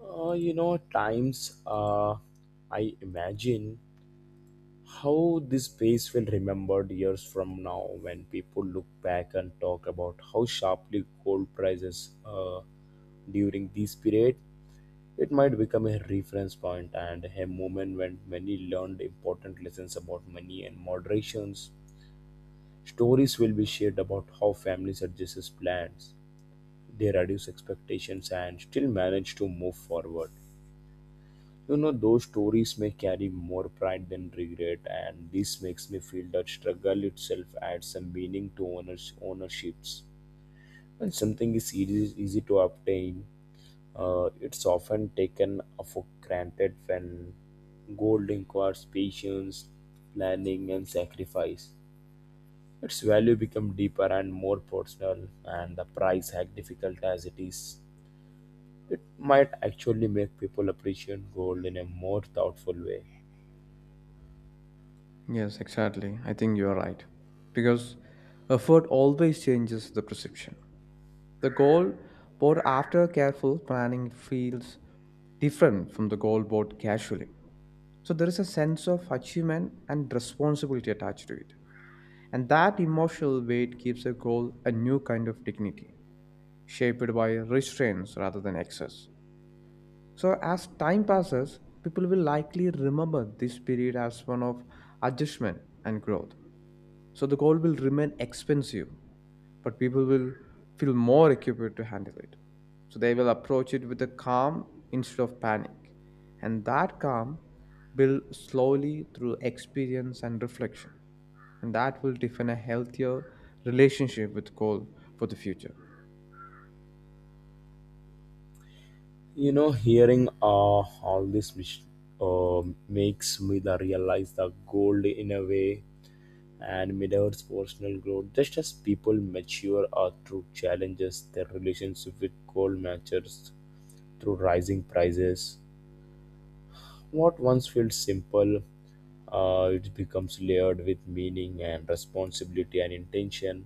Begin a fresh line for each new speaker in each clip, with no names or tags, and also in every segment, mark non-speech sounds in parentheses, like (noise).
At times I imagine how this place will remembered years from now when people look back and talk about how sharply gold prices during this period. It might become a reference point and a moment when many learned important lessons about money and moderations. Stories will be shared about how families adjust plans, they reduce expectations, and still manage to move forward. You know, those stories may carry more pride than regret, and this makes me feel that struggle itself adds some meaning to owners, ownerships. When something is easy, easy to obtain, it's often taken for granted when gold requires patience, planning, and sacrifice. Its value become deeper and more personal, and the price, as difficult as it is, it might actually make people appreciate gold in a more thoughtful way.
Yes, exactly. I think you're right. Because effort always changes the perception. The goal board after careful planning feels different from the goal board casually. So there is a sense of achievement and responsibility attached to it. And that emotional weight gives a goal a new kind of dignity, shaped by restraints rather than excess. So as time passes, people will likely remember this period as one of adjustment and growth. So the gold will remain expensive, but people will feel more equipped to handle it. So they will approach it with a calm instead of panic. And that calm builds slowly through experience and reflection. And that will define a healthier relationship with gold for the future.
You know, hearing all this mis- uh, makes me the realize the gold in a way and mirrors personal growth. Just as people mature through challenges, their relationship with gold matures through rising prices. What once felt simple, it becomes layered with meaning and responsibility and intention.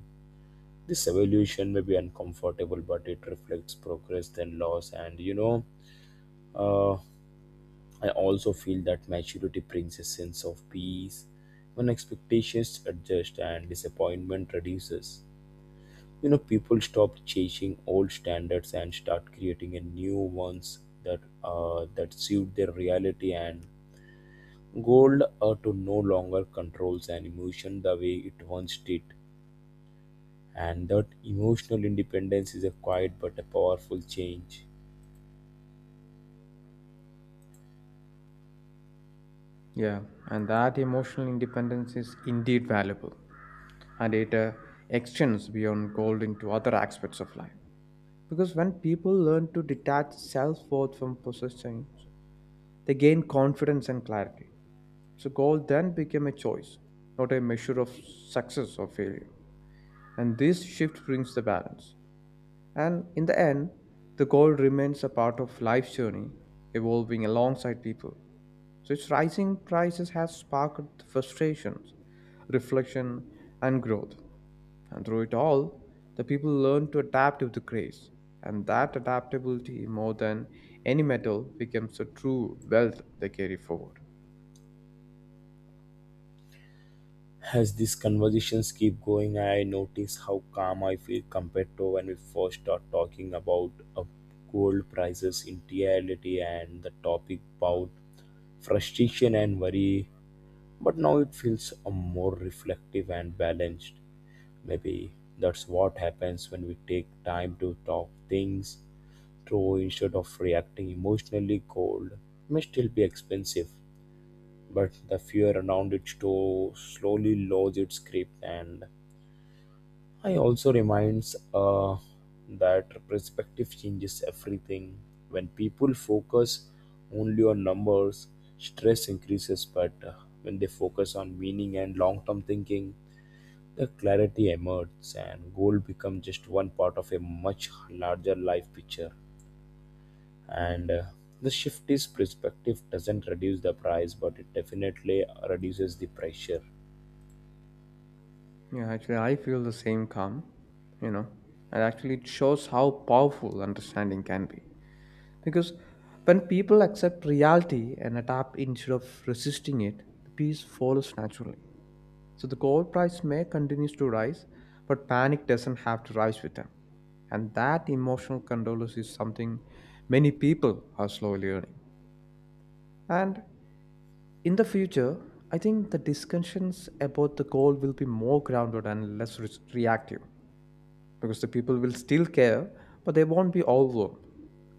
This evolution may be uncomfortable, but it reflects progress, then loss, and Uh, I also feel that maturity brings a sense of peace when expectations adjust and disappointment reduces. You know, people stop chasing old standards and start creating a new ones that suit their reality and gold to no longer controls an emotion the way it once did. And that emotional independence is a quiet but a powerful change.
Yeah, and that emotional independence is indeed valuable, and it extends beyond gold into other aspects of life. Because when people learn to detach self worth from possessions, they gain confidence and clarity. So, goal then became a choice, not a measure of success or failure. And this shift brings the balance. And in the end, the goal remains a part of life's journey, evolving alongside people. So, its rising prices has sparked frustrations, reflection, and growth. And through it all, the people learn to adapt with the grace. And that adaptability, more than any metal, becomes a true wealth they carry forward.
As these conversations keep going, I notice how calm I feel compared to when we first start talking about gold prices in reality and the topic about frustration and worry. But now it feels more reflective and balanced. Maybe that's what happens when we take time to talk things through instead of reacting emotionally. Gold may still be expensive, but the fear around it to slowly lose its grip and I also reminds that perspective changes everything. When people focus only on numbers, stress increases. But when they focus on meaning and long-term thinking, the clarity emerges, and goal become just one part of a much larger life picture. And the shift is perspective doesn't reduce the price, but it definitely reduces the pressure.
Yeah, actually, I feel the same calm, you know, and actually, it shows how powerful understanding can be. Because when people accept reality and adapt instead of resisting it, the peace follows naturally. So the gold price may continues to rise, but panic doesn't have to rise with them. And that emotional control is something many people are slowly learning. And in the future, I think the discussions about the goal will be more grounded and less reactive because the people will still care, but they won't be overwhelmed.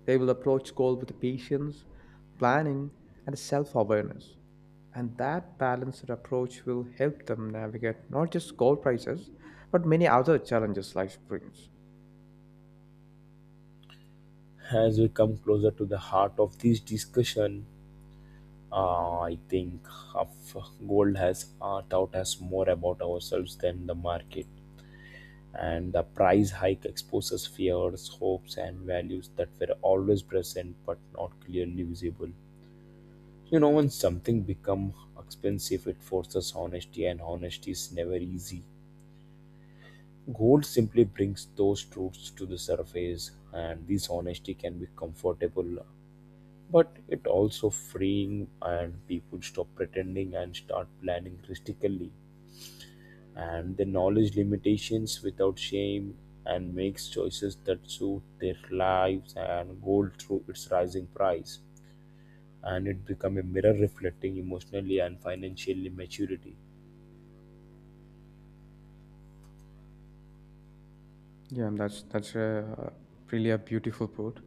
They will approach goal with patience, planning, and self-awareness. And that balanced approach will help them navigate not just gold prices, but many other challenges life brings.
As we come closer to the heart of this discussion, I think of gold has taught us more about ourselves than the market, and the price hike exposes fears, hopes, and values that were always present but not clearly visible. You know, when something becomes expensive, it forces honesty, and honesty is never easy. Gold simply brings those truths to the surface, and this honesty can be comfortable but it also freeing and people stop pretending and start planning realistically and the knowledge limitations without shame and makes choices that suit their lives and gold through its rising price and it become a mirror reflecting emotionally and financially maturity.
Yeah, and that's a really a beautiful quote,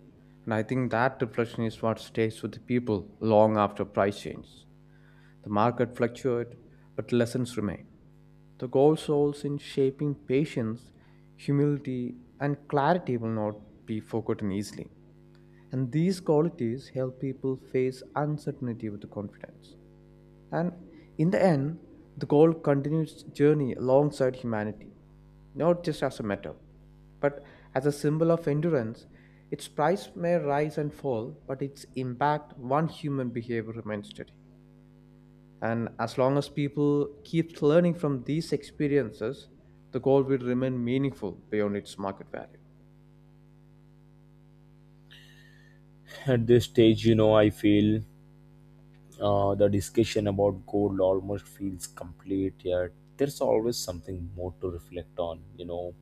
and I think that reflection is what stays with the people long after price change. The market fluctuates, but lessons remain. The goal souls in shaping patience, humility, and clarity will not be forgotten easily. And these qualities help people face uncertainty with confidence. And in the end, the goal continues its journey alongside humanity, not just as a metal, but as a symbol of endurance. Its price may rise and fall, but its impact one human behavior remains steady. And as long as people keep learning from these experiences, the goal will remain meaningful beyond its market value.
(laughs) At this stage, you know, I feel the discussion about gold almost feels complete, yet there's always something more to reflect on. You know,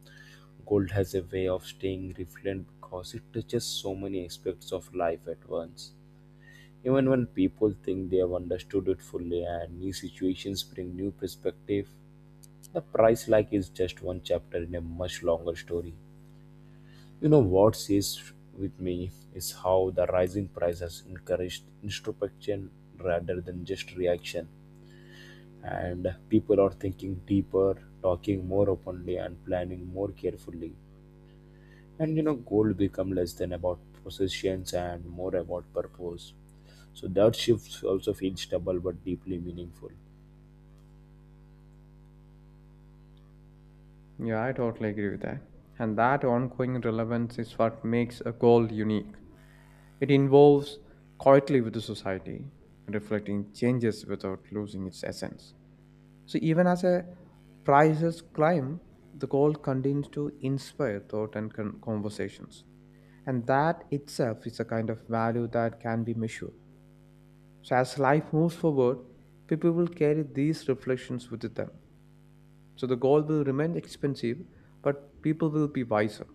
gold has a way of staying relevant because it touches so many aspects of life at once. Even when people think they have understood it fully and new situations bring new perspective, the price like is just one chapter in a much longer story. You know what stays with me is how the rising price has encouraged introspection rather than just reaction and people are thinking deeper talking more openly and planning more carefully and you know goal become less than about possessions and more about purpose so that shift also feels double but deeply meaningful.
Yeah, I totally agree with that. And that ongoing relevance is what makes a goal unique. It involves quietly with the society, reflecting changes without losing its essence. So even as a prices climb, the goal continues to inspire thought and conversations. And that itself is a kind of value that can be measured. So, as life moves forward, people will carry these reflections with them. So, the goal will remain expensive, but people will be wiser.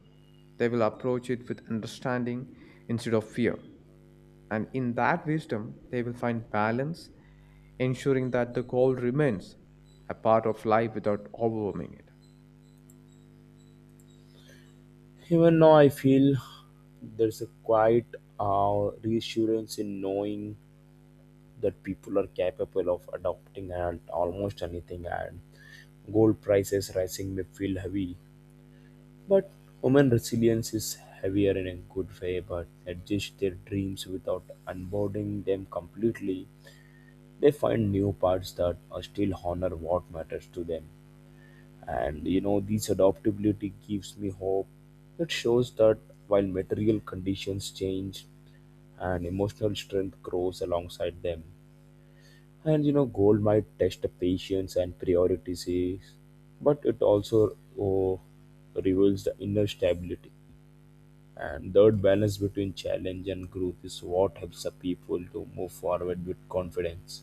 They will approach it with understanding instead of fear. And in that wisdom, they will find balance, ensuring that the goal remains a part of life without overwhelming it.
Even now I feel there's a quiet reassurance in knowing that people are capable of adopting and almost anything and gold prices rising may feel heavy. But women resilience is heavier in a good way, but adjust their dreams without unboarding them completely. They find new paths that are still honor what matters to them. And you know, this adaptability gives me hope. It shows that while material conditions change and emotional strength grows alongside them. And you know, gold might test the patience and priorities, but it also oh, reveals the inner stability. And that balance between challenge and growth is what helps the people to move forward with confidence.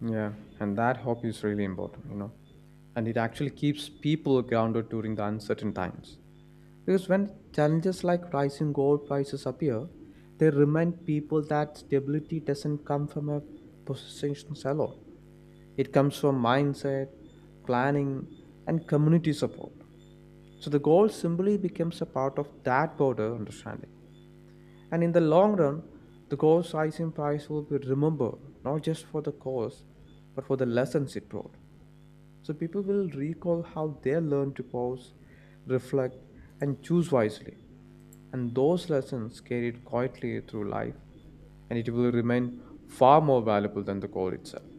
Yeah, and that hope is really important, you know. And it actually keeps people grounded during the uncertain times. Because when challenges like rising gold prices appear, they remind people that stability doesn't come from a position alone. It comes from mindset, planning, and community support. So the goal simply becomes a part of that broader understanding. And in the long run, the gold's rising price will be remembered not just for the cause, but for the lessons it brought. So people will recall how they learned to pause, reflect, and choose wisely and those lessons carried quietly through life, and it will remain far more valuable than the call itself.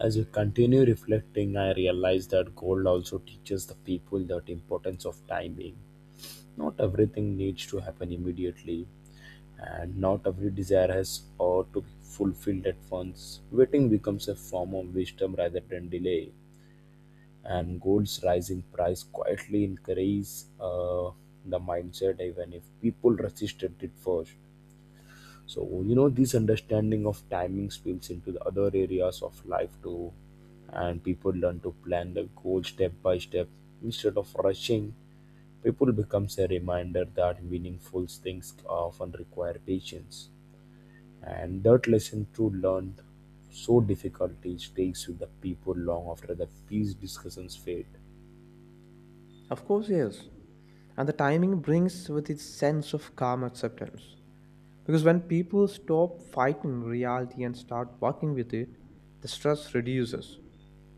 As we continue reflecting, I realize that gold also teaches the people that importance of timing. Not everything needs to happen immediately, and not every desire has or to be fulfilled at once. Waiting becomes a form of wisdom rather than delay, and gold's rising price quietly encourages the mindset even if people resisted it first. So, you know, this understanding of timing spills into the other areas of life too, and people learn to plan their goals step by step instead of rushing. People becomes a reminder that meaningful things often require patience, and that lesson to learn so difficult it stays with the people long after the peace discussions fade.
Of course, yes. And the timing brings with its sense of calm acceptance. Because when people stop fighting reality and start working with it, the stress reduces.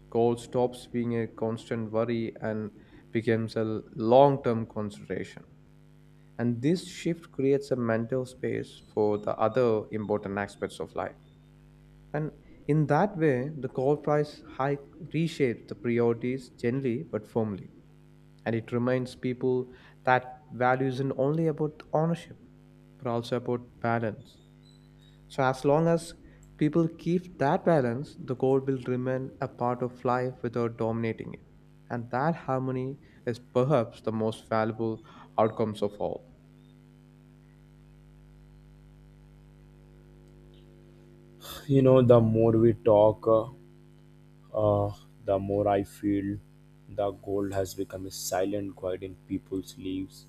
Goal stops being a constant worry and becomes a long term consideration. And this shift creates a mental space for the other important aspects of life. And in that way, the coal price hike reshapes the priorities gently but firmly. And it reminds people that value isn't only about ownership, but also about balance. So, as long as people keep that balance, the goal will remain a part of life without dominating it. And that harmony is perhaps the most valuable outcomes of all.
You know, the more we talk. Uh, the more I feel, the gold has become a silent guide in people's lives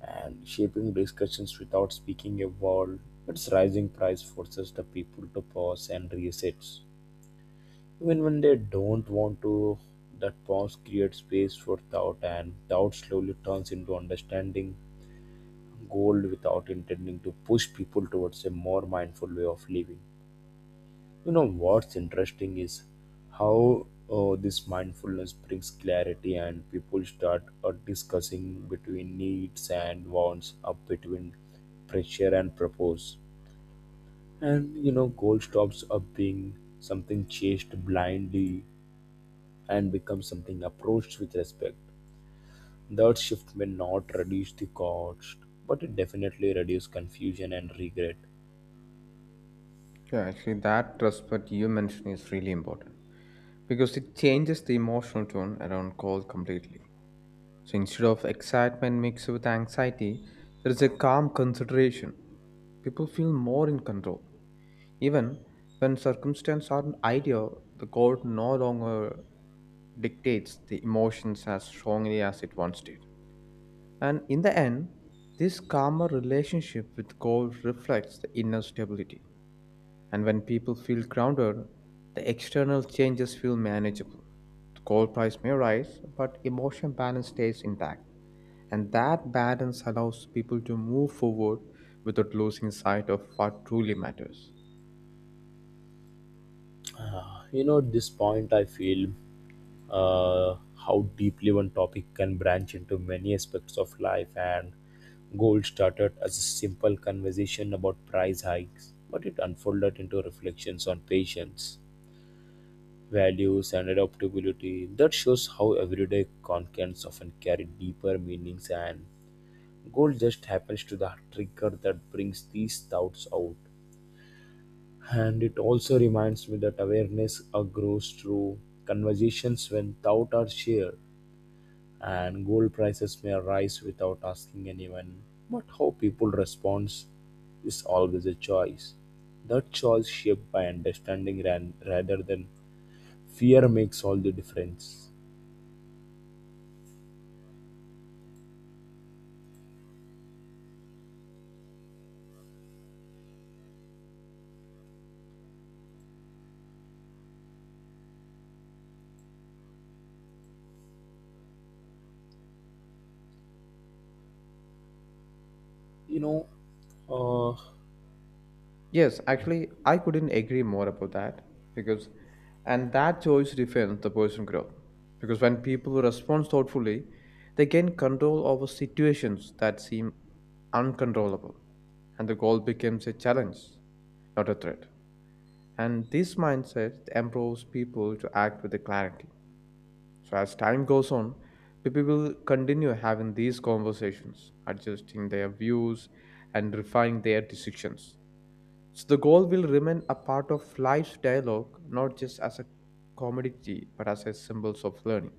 and shaping discussions without speaking a word. Its rising price forces the people to pause and reset. Even when they don't want to, that pause creates space for doubt, and doubt slowly turns into understanding. Gold without intending to push people towards a more mindful way of living. You know what's interesting is how this mindfulness brings clarity, and people start discussing between needs and wants, up between pressure and purpose. And you know, goal stops up being something chased blindly and becomes something approached with respect. That shift may not reduce the cost, but it definitely reduces confusion and regret.
Yeah, actually, that trust that you mentioned is really important because it changes the emotional tone around coal completely. So instead of excitement mixed with anxiety, there is a calm consideration. People feel more in control. Even when circumstances aren't ideal, the God no longer dictates the emotions as strongly as it once did. And in the end, this calmer relationship with God reflects the inner stability. And when people feel grounded, the external changes feel manageable. The gold price may rise, but emotion balance stays intact. And that balance allows people to move forward without losing sight of what truly matters.
You know, at this point, I feel how deeply one topic can branch into many aspects of life and gold started as a simple conversation about price hikes but it unfolded into reflections on patience values and adaptability that shows how everyday contents often carry deeper meanings and gold just happens to the trigger that brings these thoughts out and it also reminds me that awareness grows through conversations when thoughts are shared and gold prices may rise without asking anyone. But how people respond is always a choice. That choice shaped by understanding rather than fear makes all the difference. You know, uh,
Yes, actually, I couldn't agree more about that because, and that choice defines the personal growth. Because when people respond thoughtfully, they gain control over situations that seem uncontrollable, and the goal becomes a challenge, not a threat. And this mindset empowers people to act with clarity. So as time goes on, people will continue having these conversations, adjusting their views and refining their decisions. So the goal will remain a part of life's dialogue, not just as a commodity, but as a symbols of learning.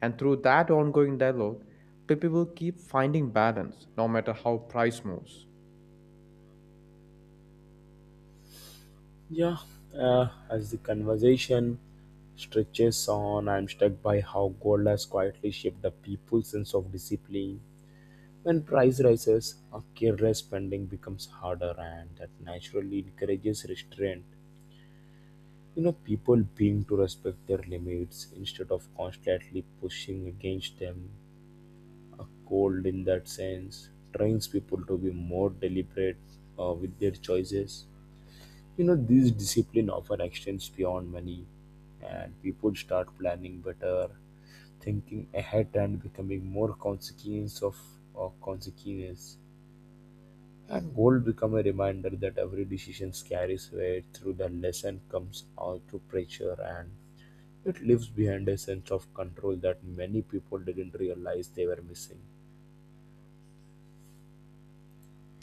And through that ongoing dialogue, people will keep finding balance, no matter how price moves.
yeah, as the conversation stretches on, I'm struck by how gold has quietly shaped the people's sense of discipline. When price rises, a careless spending becomes harder, and that naturally encourages restraint. You know, people being to respect their limits instead of constantly pushing against them, a cold in that sense trains people to be more deliberate with their choices. You know, this discipline often extends beyond money and people start planning better thinking ahead and becoming more consequence of consequence and goal become a reminder that every decision carries weight through the lesson comes out to pressure and it leaves behind a sense of control that many people didn't realize they were missing.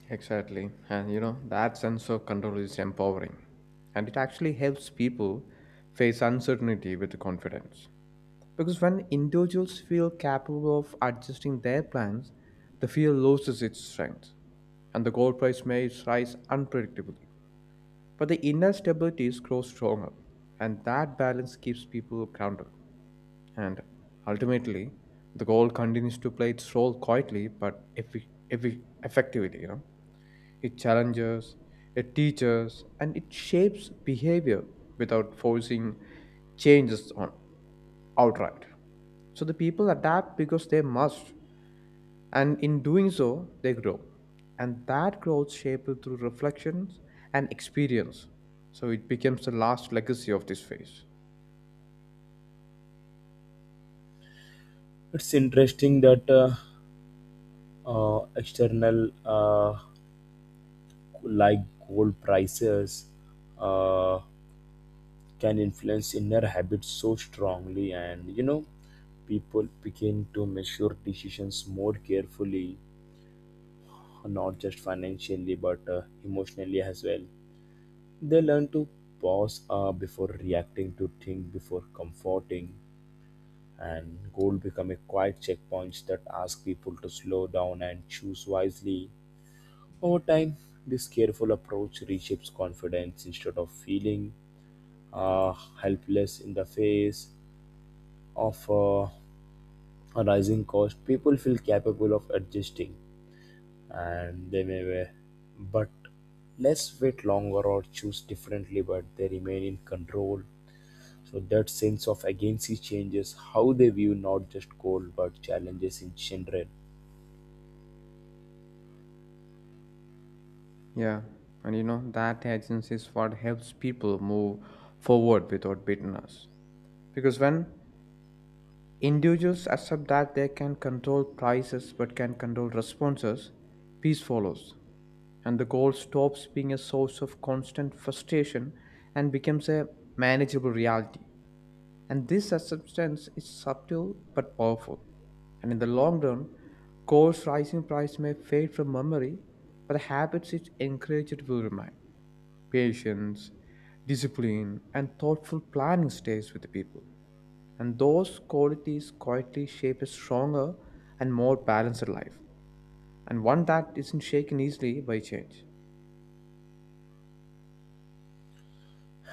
Exactly. And you know, that sense of control is empowering. And it actually helps people face uncertainty with confidence. Because when individuals feel capable of adjusting their plans, the fear loses its strength and the gold price may rise unpredictably. But the inner stability grows stronger, and that balance keeps people grounded. And ultimately, the gold continues to play its role quietly but effectively. You know, it challenges, it teaches, and it shapes behavior without forcing changes on outright. So the people adapt because they must, and in doing so, they grow. And that growth shaped through reflections and experience. So it becomes the last legacy of this phase.
It's interesting that external, like gold prices, uh, can influence inner habits so strongly, and you know, people begin to measure decisions more carefully, not just financially but emotionally as well. They learn to pause before reacting, to think before comforting, and gold become a quiet checkpoint that asks people to slow down and choose wisely over time this careful approach reshapes confidence instead of feeling uh, helpless in the face of a rising cost people feel capable of adjusting and they may wear, but less wait longer or choose differently but they remain in control so that sense of agency changes how they view not just gold but challenges in general.
Yeah, and you know, that agency is what helps people move forward without bitterness. Because when individuals accept that they can control prices but can control responses, peace follows. And the goal stops being a source of constant frustration and becomes a manageable reality. And this acceptance is subtle but powerful. And in the long run, gold's rising price may fade from memory, but the habits it encouraged will remain. Patience, discipline, and thoughtful planning stays with the people. And those qualities quietly shape a stronger and more balanced life, and one that isn't shaken easily by change.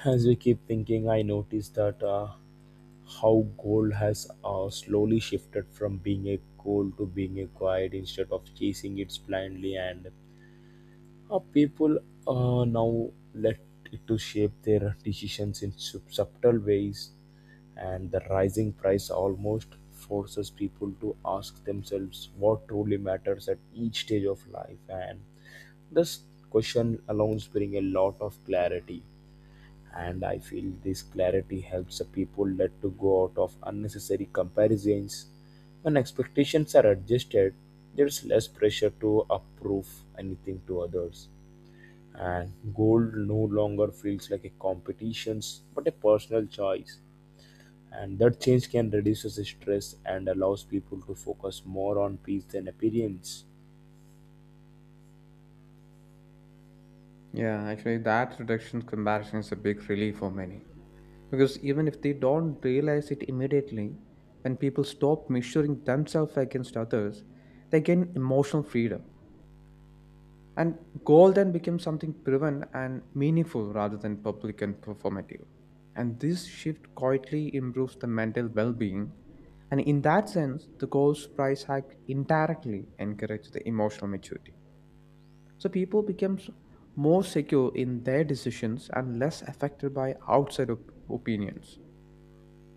As we keep thinking, I notice that how gold has slowly shifted from being a goal to being a guide instead of chasing it blindly, and how people now let it to shape their decisions in subtle ways, and the rising price almost forces people to ask themselves what truly matters at each stage of life, and this question alone brings a lot of clarity and I feel this clarity helps the people let to go out of unnecessary comparisons when expectations are adjusted there's less pressure to approve anything to others and gold no longer feels like a competition but a personal choice and that change can reduce the stress and allows people to focus more on peace than appearance.
Yeah, actually, that reduction comparison is a big relief for many because even if they don't realize it immediately, when people stop measuring themselves against others, they gain emotional freedom. And goal then becomes something proven and meaningful rather than public and performative. And this shift quietly improves the mental well being. And in that sense, the goals price hike indirectly encourages the emotional maturity. So people become more secure in their decisions and less affected by outside opinions.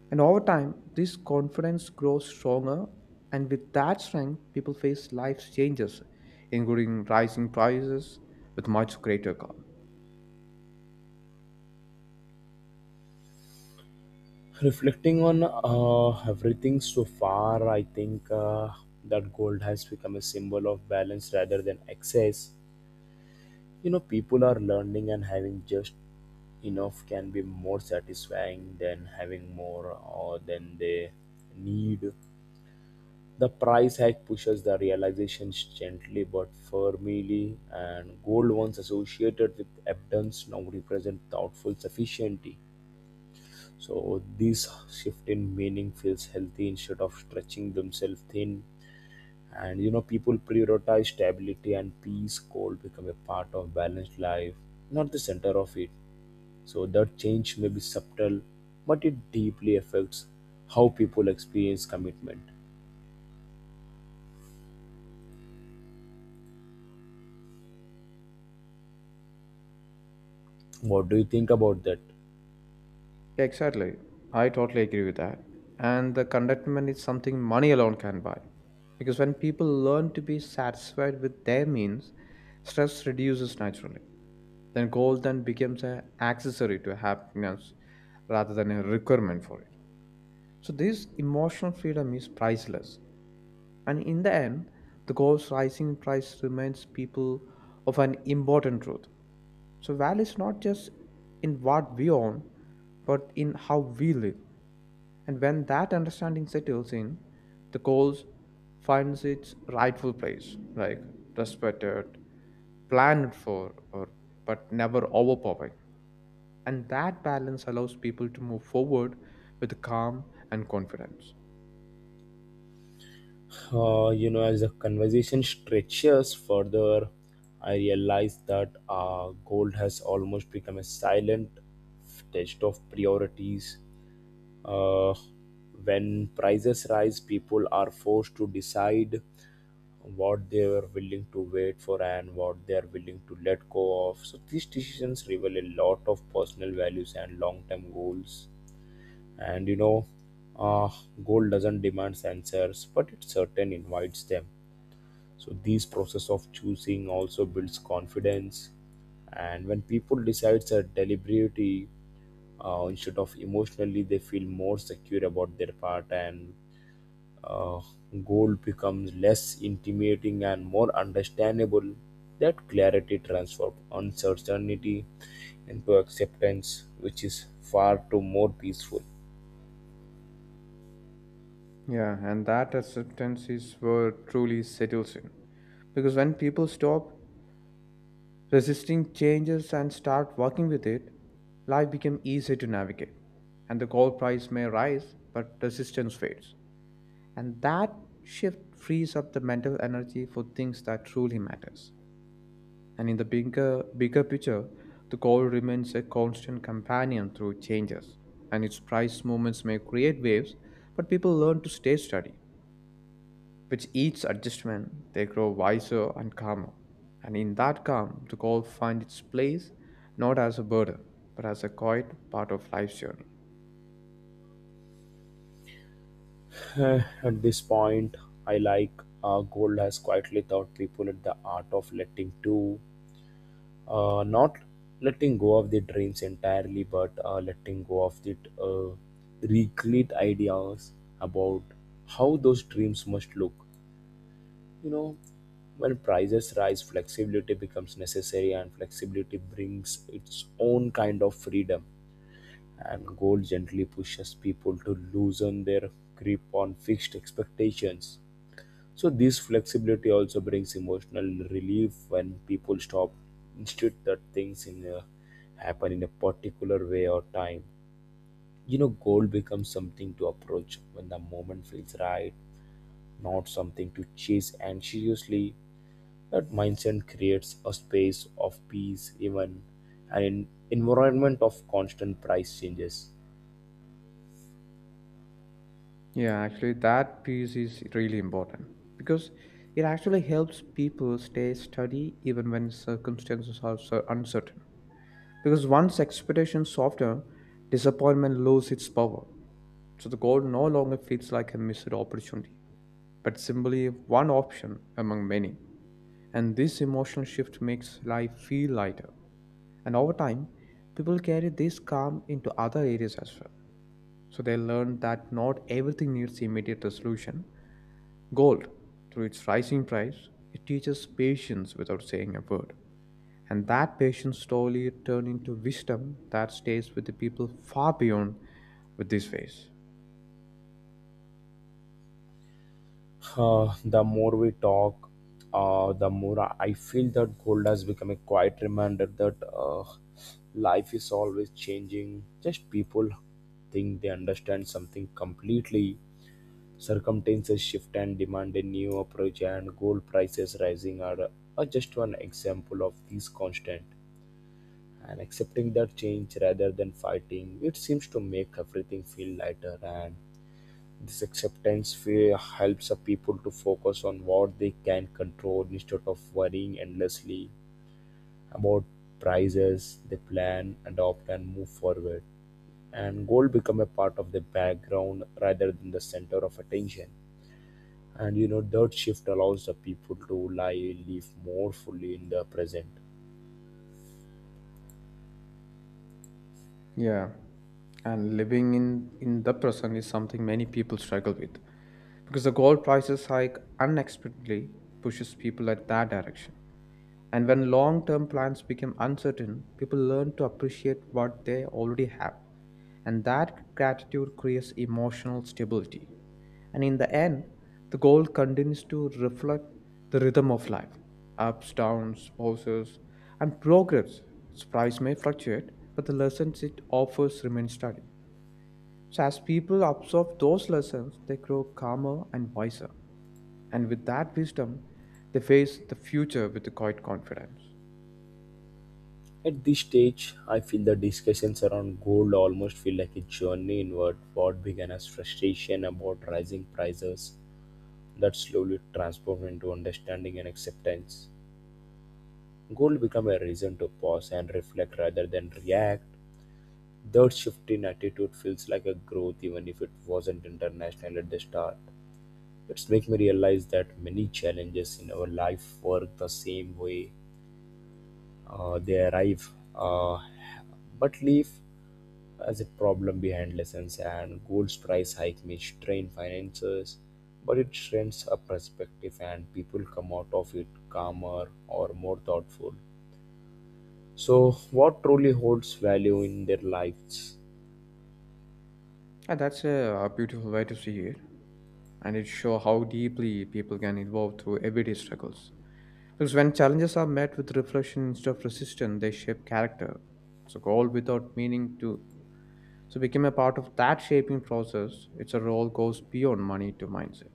And over time, this confidence grows stronger, and with that strength, people face life's changes, including rising prices, with much greater calm.
Reflecting on everything so far, I think that gold has become a symbol of balance rather than excess. You know, people are learning and having just enough can be more satisfying than having more or than they need. The price hike pushes the realizations gently but firmly, and gold once associated with abundance now represent thoughtful sufficiency. So this shift in meaning feels healthy instead of stretching themselves thin. And you know, people prioritize stability and peace. Goal become a part of balanced life, not the center of it. So that change may be subtle, but it deeply affects how people experience commitment. What do you think about that?
Yeah, exactly. I totally agree with that. And the contentment is something money alone can buy. Because when people learn to be satisfied with their means, stress reduces naturally. Then goal then becomes an accessory to happiness rather than a requirement for it. So this emotional freedom is priceless. And in the end, the gold's rising price reminds people of an important truth. So value is not just in what we own, but in how we live. And when that understanding settles in, the gold finds its rightful place, like respected, planned for, or but never overpowering. And that balance allows people to move forward with calm and confidence.
As the conversation stretches further, I realize that gold has almost become a silent test of priorities. Uh, when prices rise, people are forced to decide what they are willing to wait for and what they are willing to let go of. So, these decisions reveal a lot of personal values and long term goals, and you know, uh, gold doesn't demand answers, but it certain invites them. So this process of choosing also builds confidence, and when people decides a deliberately instead of emotionally, they feel more secure about their part, and uh, gold becomes less intimidating and more understandable. That clarity transforms uncertainty into acceptance, which is far too more peaceful.
Yeah, and that acceptance is where truly settles in. Because when people stop resisting changes and start working with it, life becomes easier to navigate. And the gold price may rise, but resistance fades. And that shift frees up the mental energy for things that truly matters. And in the bigger picture, the goal remains a constant companion through changes, and its price movements may create waves, but people learn to stay steady. With each adjustment, they grow wiser and calmer. And in that calm, the goal finds its place not as a burden, but as a quiet part of life's journey.
At this point, I like gold has quietly taught people at the art of letting to, not letting go of their dreams entirely, but letting go of the recreate ideas about how those dreams must look. You know, when prices rise, flexibility becomes necessary, and flexibility brings its own kind of freedom. And gold gently pushes people to loosen their grip on fixed expectations. So this flexibility also brings emotional relief when people stop instead that things in a, happen in a particular way or time. You know, goal becomes something to approach when the moment feels right, not something to chase anxiously. That mindset creates a space of peace, even an environment of constant price changes.
Yeah, actually, that piece is really important because it actually helps people stay steady even when circumstances are so uncertain. Because once expectation softer, disappointment loses its power. So the goal no longer feels like a missed opportunity, but simply one option among many. And this emotional shift makes life feel lighter. And over time, people carry this calm into other areas as well. So they learn that not everything needs immediate resolution. Gold, through its rising price, it teaches patience without saying a word. And that patience slowly turned into wisdom that stays with the people far beyond with this phase.
The more we talk, the more I feel that gold has become a quiet reminder that life is always changing. Just people think they understand something completely. Circumstances shift and demand a new approach, and gold prices rising are just one example of these constant. And accepting that change rather than fighting, it seems to make everything feel lighter, and this acceptance helps the people to focus on what they can control instead of worrying endlessly about prices. They plan, adopt, and move forward. And goal become a part of the background rather than the center of attention. And you know, that shift allows the people to live more fully in the present.
Yeah. And living in the present is something many people struggle with because the gold prices hike unexpectedly pushes people at that direction. And when long term plans become uncertain, people learn to appreciate what they already have. And that gratitude creates emotional stability. And in the end, the goal continues to reflect the rhythm of life ups, downs, pauses, and progress. Its price may fluctuate, but the lessons it offers remain steady. So, as people absorb those lessons, they grow calmer and wiser. And with that wisdom, they face the future with the quiet confidence.
At this stage, I feel the discussions around gold almost feel like a journey inward. What began as frustration about rising prices that slowly transformed into understanding and acceptance. Goal become a reason to pause and reflect rather than react. That shift in attitude feels like a growth, even if it wasn't international at the start. It's make me realize that many challenges in our life work the same way. They arrive, uh, but leave as a problem behind lessons, and gold's price hike may strain finances, but it strengthens a perspective, and people come out of it calmer or more thoughtful. So what truly holds value in their lives?
And that's a, beautiful way to see it. And it shows how deeply people can evolve through everyday struggles. Because when challenges are met with reflection instead of resistance, they shape character. So goal without meaning to so became a part of that shaping process. It's a role goes beyond money to mindset.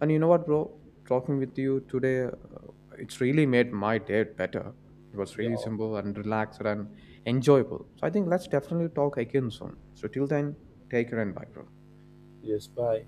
And you know what, bro? Talking with you today, it's really made my day better. It was really
Yeah.
simple and relaxed and enjoyable. So I think let's definitely talk again soon. So till then, take care and bye, bro.
Yes, bye.